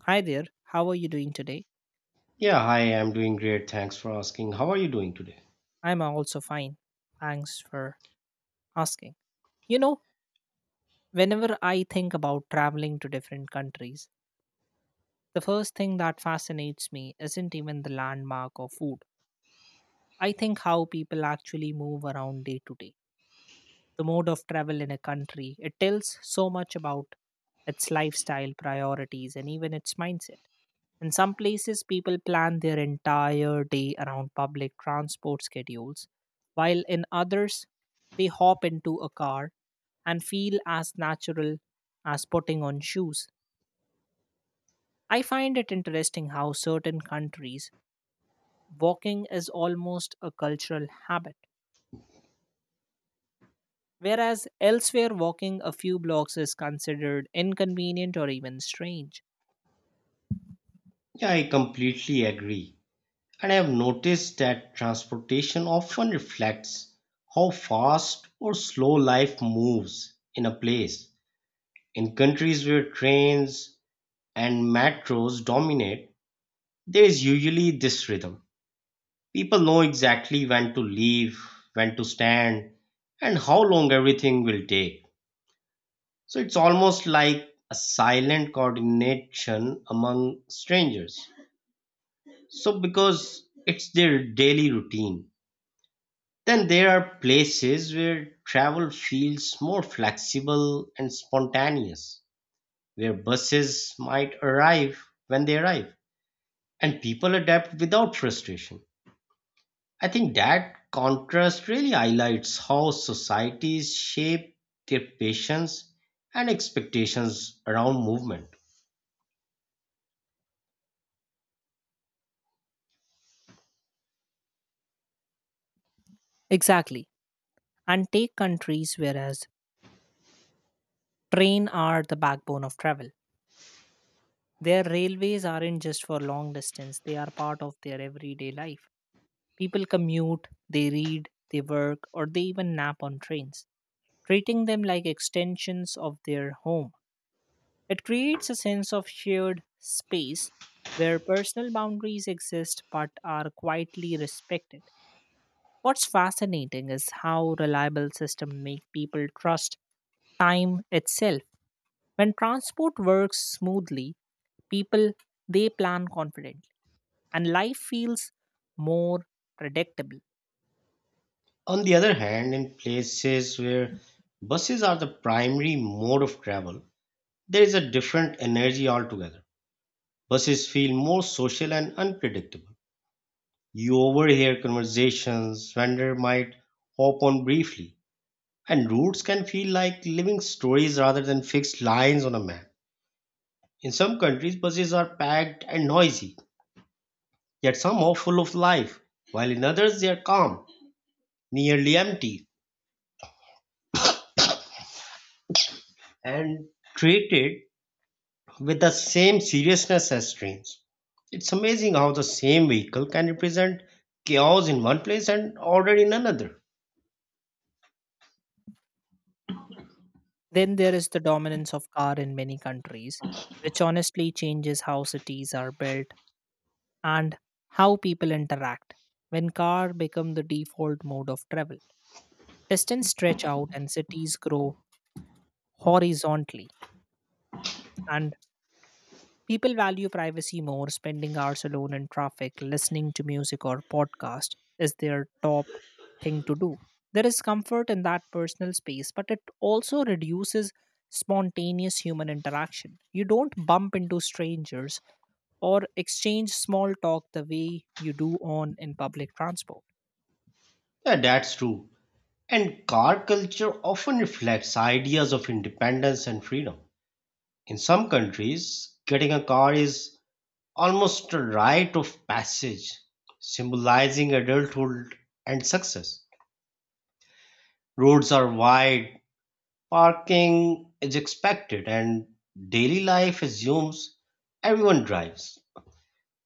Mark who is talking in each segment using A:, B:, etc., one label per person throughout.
A: Hi there, how are you doing today?
B: Yeah, hi, I'm doing great. Thanks for asking. How are you doing today?
A: I'm also fine. Thanks for asking. You know, Whenever I think about traveling to different countries, the first thing that fascinates me isn't even the landmark or food. I think how people actually move around day to day. The mode of travel in a country, it tells so much about its lifestyle, priorities, and even its mindset. In some places, people plan their entire day around public transport schedules, while in others, they hop into a car and feel as natural as putting on shoes. I find it interesting how certain countries, walking is almost a cultural habit, whereas elsewhere, walking a few blocks is considered inconvenient or even strange.
B: Yeah, I completely agree. And I have noticed that transportation often reflects how fast or slow life moves in a place. In countries where trains and metros dominate, there is usually this rhythm. People know exactly when to leave, when to stand, and how long everything will take. So it's almost like a silent coordination among strangers. So because it's their daily routine. Then there are places where travel feels more flexible and spontaneous, where buses might arrive when they arrive, and people adapt without frustration. I think that contrast really highlights how societies shape their patience and expectations around movement.
A: Exactly. And take countries whereas train are the backbone of travel. Their railways aren't just for long distance, they are part of their everyday life. People commute, they read, they work, or they even nap on trains, treating them like extensions of their home. It creates a sense of shared space where personal boundaries exist but are quietly respected. What's fascinating is how reliable systems make people trust time itself. When transport works smoothly, people they plan confidently and life feels more predictable.
B: On the other hand, in places where buses are the primary mode of travel, there is a different energy altogether. Buses feel more social and unpredictable. You overhear conversations, vendor might hop on briefly, and routes can feel like living stories rather than fixed lines on a map. In some countries, buses are packed and noisy, yet somehow full of life, while in others they are calm, nearly empty, and treated with the same seriousness as trains. It's amazing how the same vehicle can represent chaos in one place and order in another.
A: Then there is the dominance of car in many countries, which honestly changes how cities are built and how people interact. When car become the default mode of travel, distance stretch out and cities grow horizontally, and people value privacy more, spending hours alone in traffic, listening to music or podcast is their top thing to do. There is comfort in that personal space, but it also reduces spontaneous human interaction. You don't bump into strangers or exchange small talk the way you do on in public transport.
B: Yeah, that's true. And car culture often reflects ideas of independence and freedom. In some countries, getting a car is almost a rite of passage, symbolizing adulthood and success. Roads are wide, parking is expected, and daily life assumes everyone drives.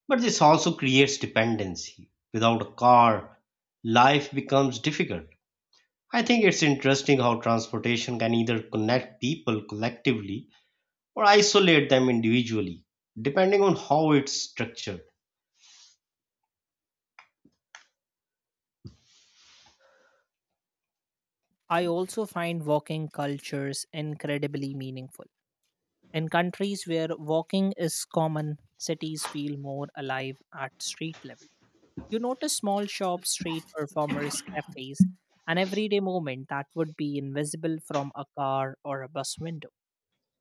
B: But this also creates dependency. Without a car, life becomes difficult. I think it's interesting how transportation can either connect people collectively or isolate them individually, depending on how it's structured.
A: I also find walking cultures incredibly meaningful. In countries where walking is common, cities feel more alive at street level. You notice small shops, street performers, cafes, an everyday moment that would be invisible from a car or a bus window.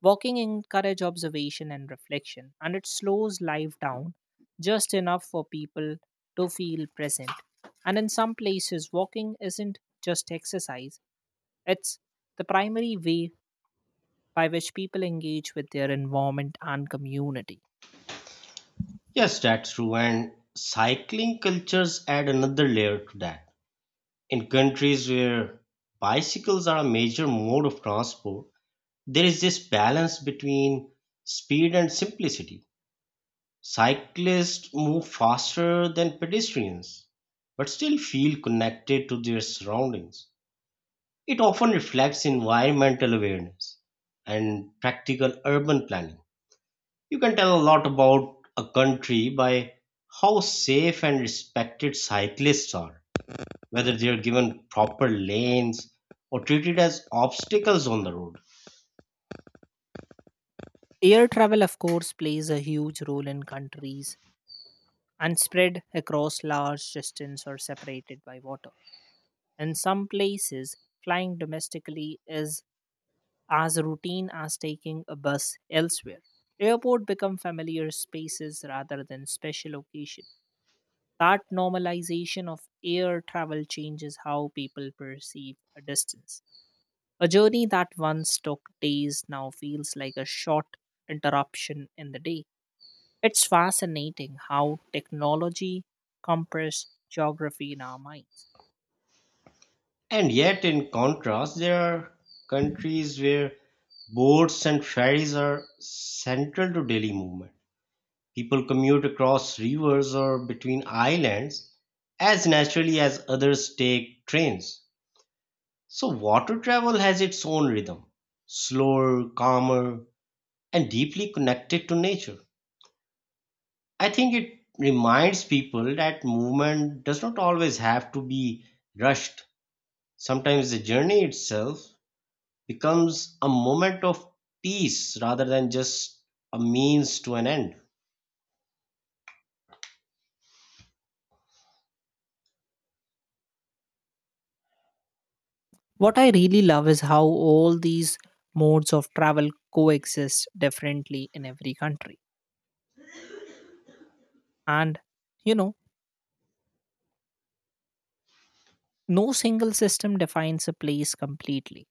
A: Walking encourages observation and reflection, and it slows life down just enough for people to feel present. And in some places, walking isn't just exercise, it's the primary way by which people engage with their environment and community.
B: Yes, that's true, and cycling cultures add another layer to that. In countries where bicycles are a major mode of transport, there is this balance between speed and simplicity. Cyclists move faster than pedestrians, but still feel connected to their surroundings. It often reflects environmental awareness and practical urban planning. You can tell a lot about a country by how safe and respected cyclists are, whether they are given proper lanes or treated as obstacles on the road.
A: Air travel, of course, plays a huge role in countries and spread across large distance or separated by water. In some places, flying domestically is as routine as taking a bus elsewhere. Airport become familiar spaces rather than special occasion. That normalization of air travel changes how people perceive a distance. A journey that once took days now feels like a short interruption in the day. It's fascinating how technology compress geography in our minds.
B: And yet, in contrast, there are countries where boats and ferries are central to daily movement. People commute across rivers or between islands as naturally as others take trains. So, water travel has its own rhythm, slower, calmer, and deeply connected to nature. I think it reminds people that movement does not always have to be rushed. Sometimes the journey itself becomes a moment of peace rather than just a means to an end.
A: What I really love is how all these modes of travel coexist differently in every country. And, you know, no single system defines a place completely.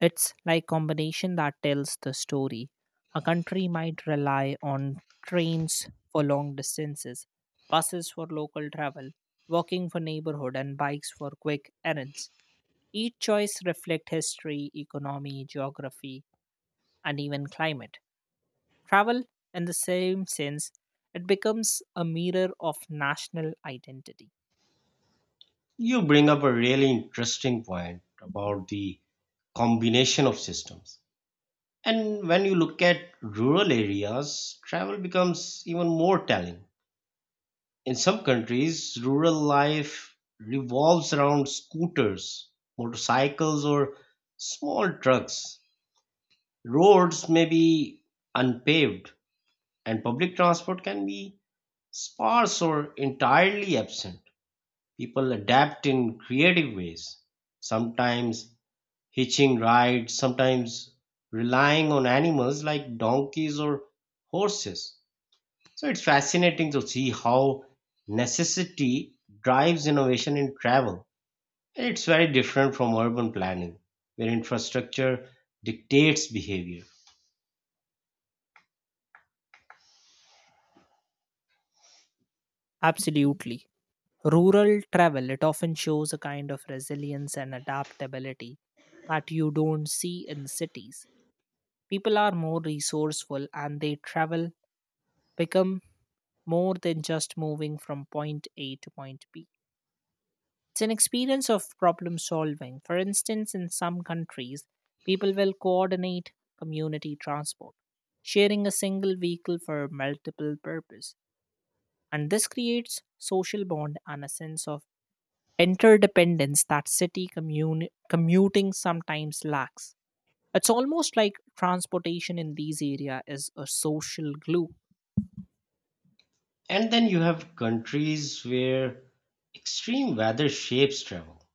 A: It's like combination that tells the story. A country might rely on trains for long distances, buses for local travel, walking for neighborhood, and bikes for quick errands. Each choice reflects history, economy, geography, and even climate. Travel, in the same sense, it becomes a mirror of national identity.
B: You bring up a really interesting point about the combination of systems. And when you look at rural areas, travel becomes even more telling. In some countries, rural life revolves around scooters, motorcycles, or small trucks. Roads may be unpaved, and public transport can be sparse or entirely absent. People adapt in creative ways, sometimes hitching rides, sometimes relying on animals like donkeys or horses. So it's fascinating to see how necessity drives innovation in travel. And it's very different from urban planning, where infrastructure dictates behavior.
A: Absolutely. Rural travel, it often shows a kind of resilience and adaptability that you don't see in cities. People are more resourceful and they travel become more than just moving from point A to point B. It's an experience of problem solving. For instance, in some countries, people will coordinate community transport, sharing a single vehicle for multiple purpose. And this creates social bond and a sense of interdependence that city commuting sometimes lacks. It's almost like transportation in these area is a social glue.
B: And then you have countries where extreme weather shapes travel.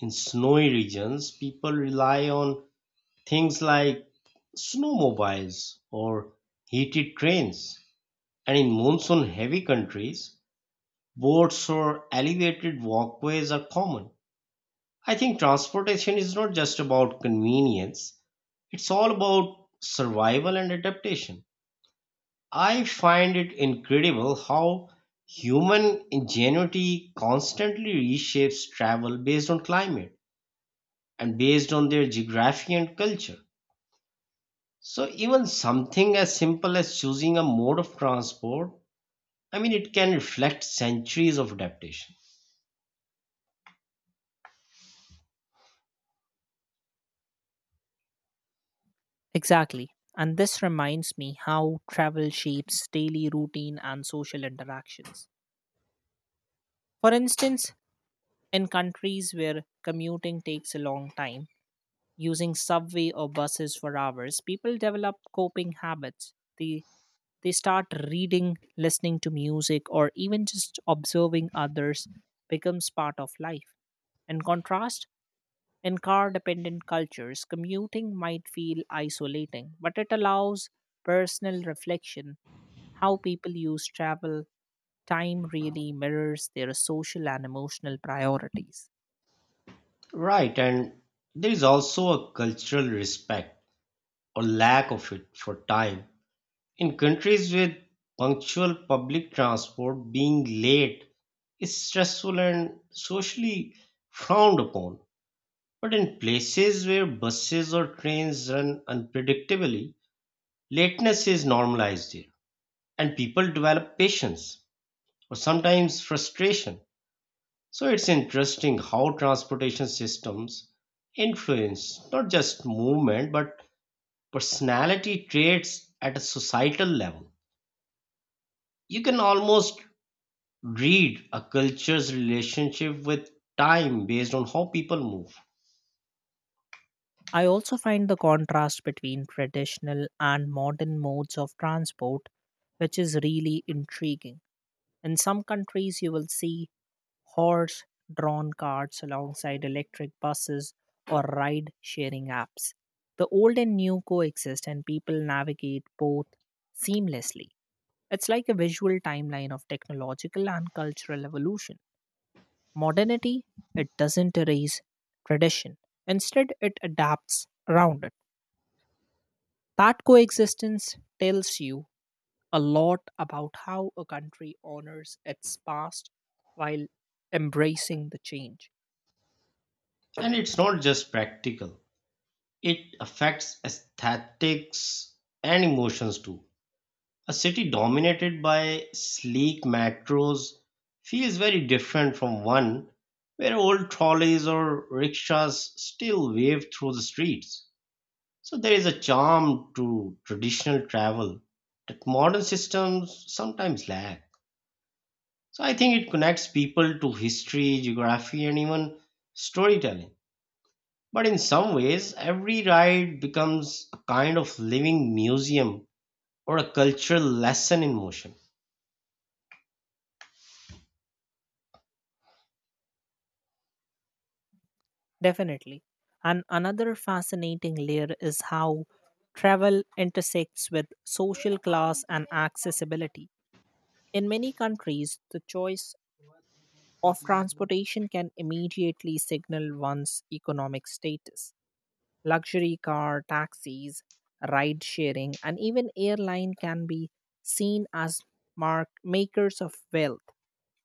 B: In snowy regions, people rely on things like snowmobiles or heated trains, and in monsoon heavy countries, boats or elevated walkways are common. I think transportation is not just about convenience, it's all about survival and adaptation. I find it incredible how human ingenuity constantly reshapes travel based on climate and based on their geography and culture. So even something as simple as choosing a mode of transport, I mean, it can reflect centuries of adaptation.
A: Exactly. And this reminds me how travel shapes daily routine and social interactions. For instance, in countries where commuting takes a long time, using subway or buses for hours, people develop coping habits. They start reading, listening to music, or even just observing others becomes part of life. In contrast, in car dependent cultures, commuting might feel isolating, but it allows personal reflection. How people use travel time really mirrors their social and emotional priorities.
B: Right, and there is also a cultural respect or lack of it for time. In countries with punctual public transport, being late is stressful and socially frowned upon. But in places where buses or trains run unpredictably, lateness is normalized there, and people develop patience or sometimes frustration. So it's interesting how transportation systems influence not just movement but personality traits at a societal level. You can almost read a culture's relationship with time based on how people move.
A: I also find the contrast between traditional and modern modes of transport, which is really intriguing. In some countries, you will see horse drawn carts alongside electric buses or ride sharing apps. The old and new coexist, and people navigate both seamlessly. It's like a visual timeline of technological and cultural evolution. Modernity, it doesn't erase tradition, instead, it adapts around it. That coexistence tells you a lot about how a country honors its past while embracing the change.
B: And it's not just practical, it affects aesthetics and emotions too. A city dominated by sleek metros feels very different from one where old trolleys or rickshaws still wave through the streets. So there is a charm to traditional travel that modern systems sometimes lack. So I think it connects people to history, geography, and even storytelling. But in some ways, every ride becomes a kind of living museum or a cultural lesson in motion.
A: Definitely. And another fascinating layer is how travel intersects with social class and accessibility. In many countries, the choice of transportation can immediately signal one's economic status. Luxury car, taxis, ride sharing, and even airline can be seen as mark makers of wealth,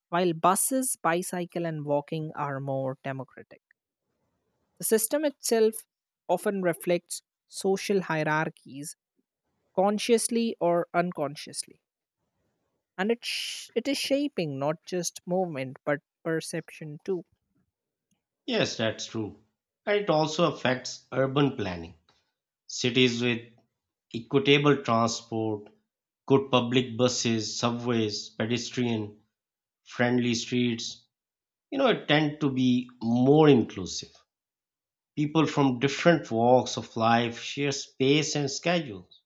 A: while buses, bicycle, and walking are more democratic. The system itself often reflects social hierarchies, consciously or unconsciously, and it is shaping not just movement but perception too.
B: Yes, that's true. And it also affects urban planning. Cities with equitable transport, good public buses, subways, pedestrian friendly streets, you know, it tend to be more inclusive. People from different walks of life share space and schedules.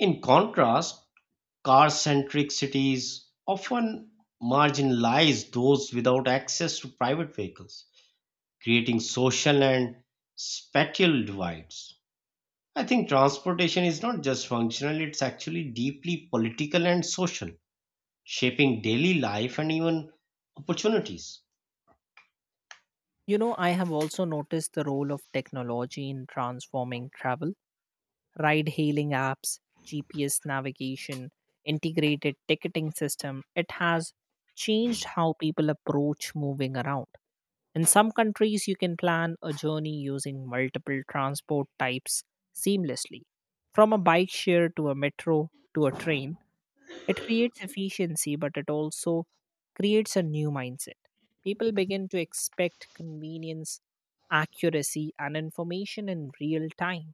B: In contrast, car centric cities often marginalize those without access to private vehicles, creating social and spatial divides. I think transportation is not just functional, it's actually deeply political and social, shaping daily life and even opportunities.
A: You know, I have also noticed the role of technology in transforming travel, ride hailing apps, GPS navigation, integrated ticketing system, it has changed how people approach moving around. In some countries, you can plan a journey using multiple transport types seamlessly. From a bike share to a metro to a train, it creates efficiency, but it also creates a new mindset. People begin to expect convenience, accuracy, and information in real time.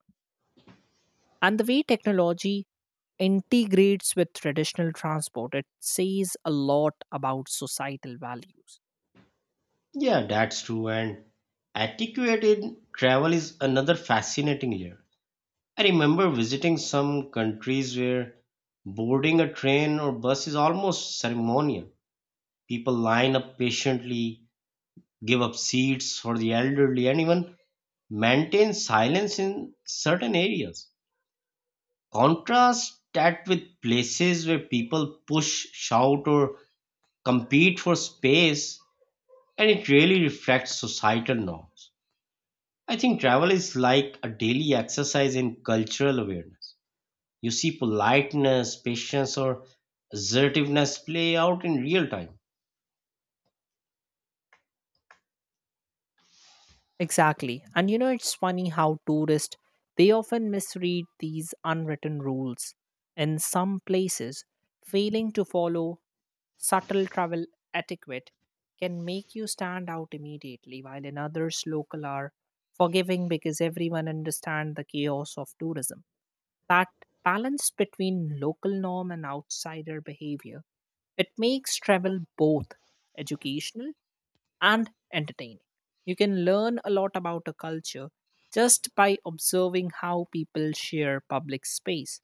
A: And the way technology integrates with traditional transport, it says a lot about societal values.
B: Yeah, that's true. And etiquette in travel is another fascinating layer. I remember visiting some countries where boarding a train or bus is almost ceremonial. People line up patiently, give up seats for the elderly, and even maintain silence in certain areas. Contrast that with places where people push, shout, or compete for space, and it really reflects societal norms. I think travel is like a daily exercise in cultural awareness. You see politeness, patience, or assertiveness play out in real time.
A: Exactly. And it's funny how tourists they often misread these unwritten rules. In some places, failing to follow subtle travel etiquette can make you stand out immediately, while in others local are forgiving because everyone understands the chaos of tourism. That balance between local norm and outsider behavior, it makes travel both educational and entertaining. You can learn a lot about a culture just by observing how people share public space.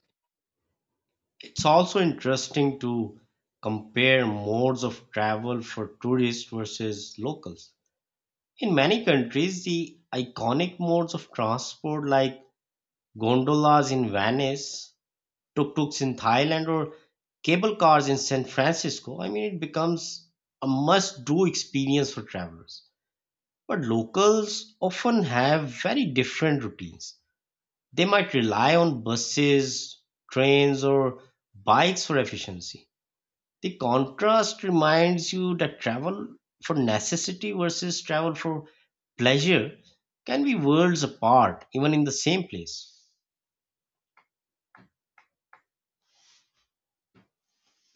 B: It's also interesting to compare modes of travel for tourists versus locals. In many countries, the iconic modes of transport like gondolas in Venice, tuk-tuks in Thailand, or cable cars in San Francisco, I mean, it becomes a must-do experience for travelers. But locals often have very different routines. They might rely on buses, trains, or bikes for efficiency. The contrast reminds you that travel for necessity versus travel for pleasure can be worlds apart, even in the same place.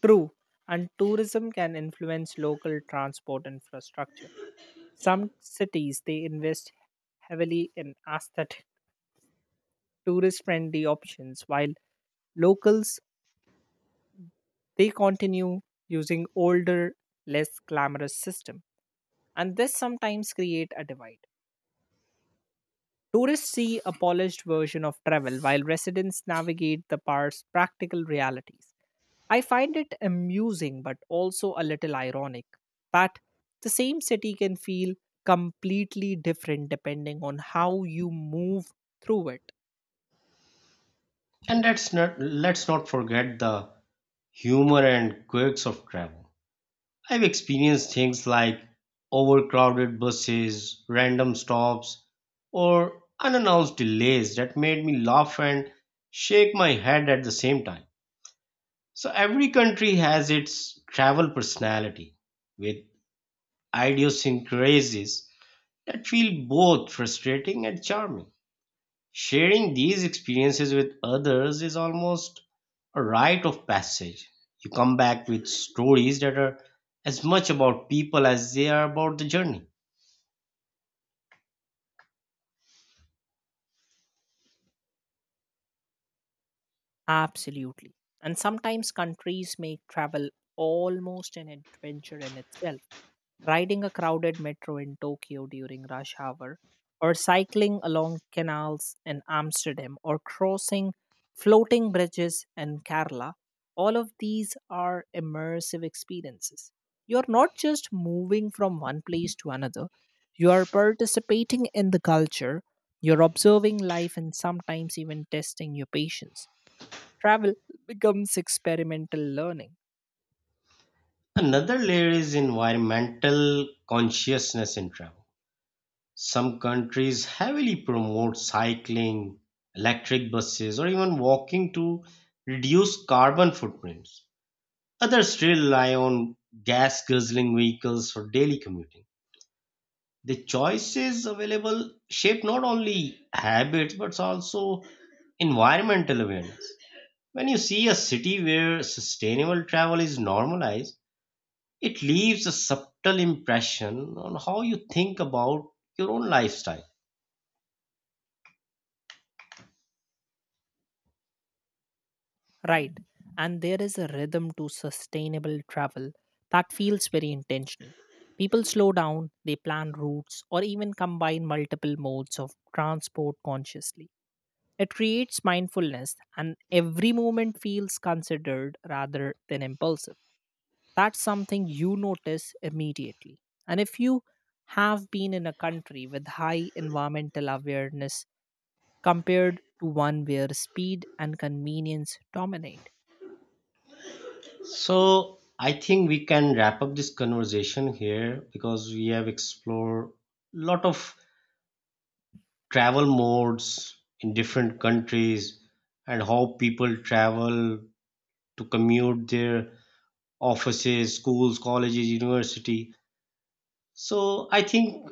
A: True. And tourism can influence local transport infrastructure. Some cities they invest heavily in aesthetic, tourist friendly options, while locals they continue using older, less glamorous system. And this sometimes create a divide. Tourists see a polished version of travel while residents navigate the park's practical realities. I find it amusing but also a little ironic that the same city can feel completely different depending on how you move through it.
B: And let's not forget the humor and quirks of travel. I've experienced things like overcrowded buses, random stops, or unannounced delays that made me laugh and shake my head at the same time. So every country has its travel personality with idiosyncrasies that feel both frustrating and charming. Sharing these experiences with others is almost a rite of passage. You come back with stories that are as much about people as they are about the journey.
A: Absolutely. And sometimes countries make travel almost an adventure in itself. Riding a crowded metro in Tokyo during rush hour, or cycling along canals in Amsterdam, or crossing floating bridges in Kerala, all of these are immersive experiences. You're not just moving from one place to another, you are participating in the culture, you're observing life, and sometimes even testing your patience. Travel becomes experimental learning,
B: Another layer is environmental consciousness in travel. Some countries heavily promote cycling, electric buses, or even walking to reduce carbon footprints. Others still rely on gas guzzling vehicles for daily commuting. The choices available shape not only habits but also environmental awareness. When you see a city where sustainable travel is normalized, it leaves a subtle impression on how you think about your own lifestyle.
A: right? And there is a rhythm to sustainable travel that feels very intentional. People slow down, they plan routes, or even combine multiple modes of transport consciously. It creates mindfulness, and every moment feels considered rather than impulsive. That's something you notice immediately. And if you have been in a country with high environmental awareness compared to one where speed and convenience dominate.
B: So I think we can wrap up this conversation here because we have explored a lot of travel modes in different countries and how people travel to commute their offices, schools, colleges, university. So I think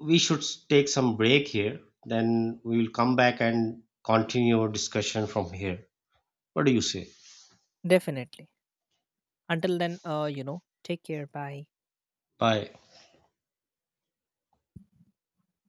B: we should take some break here. Then we will come back and continue our discussion from here. What do you say?
A: Definitely. Until then, take care. Bye.
B: Bye.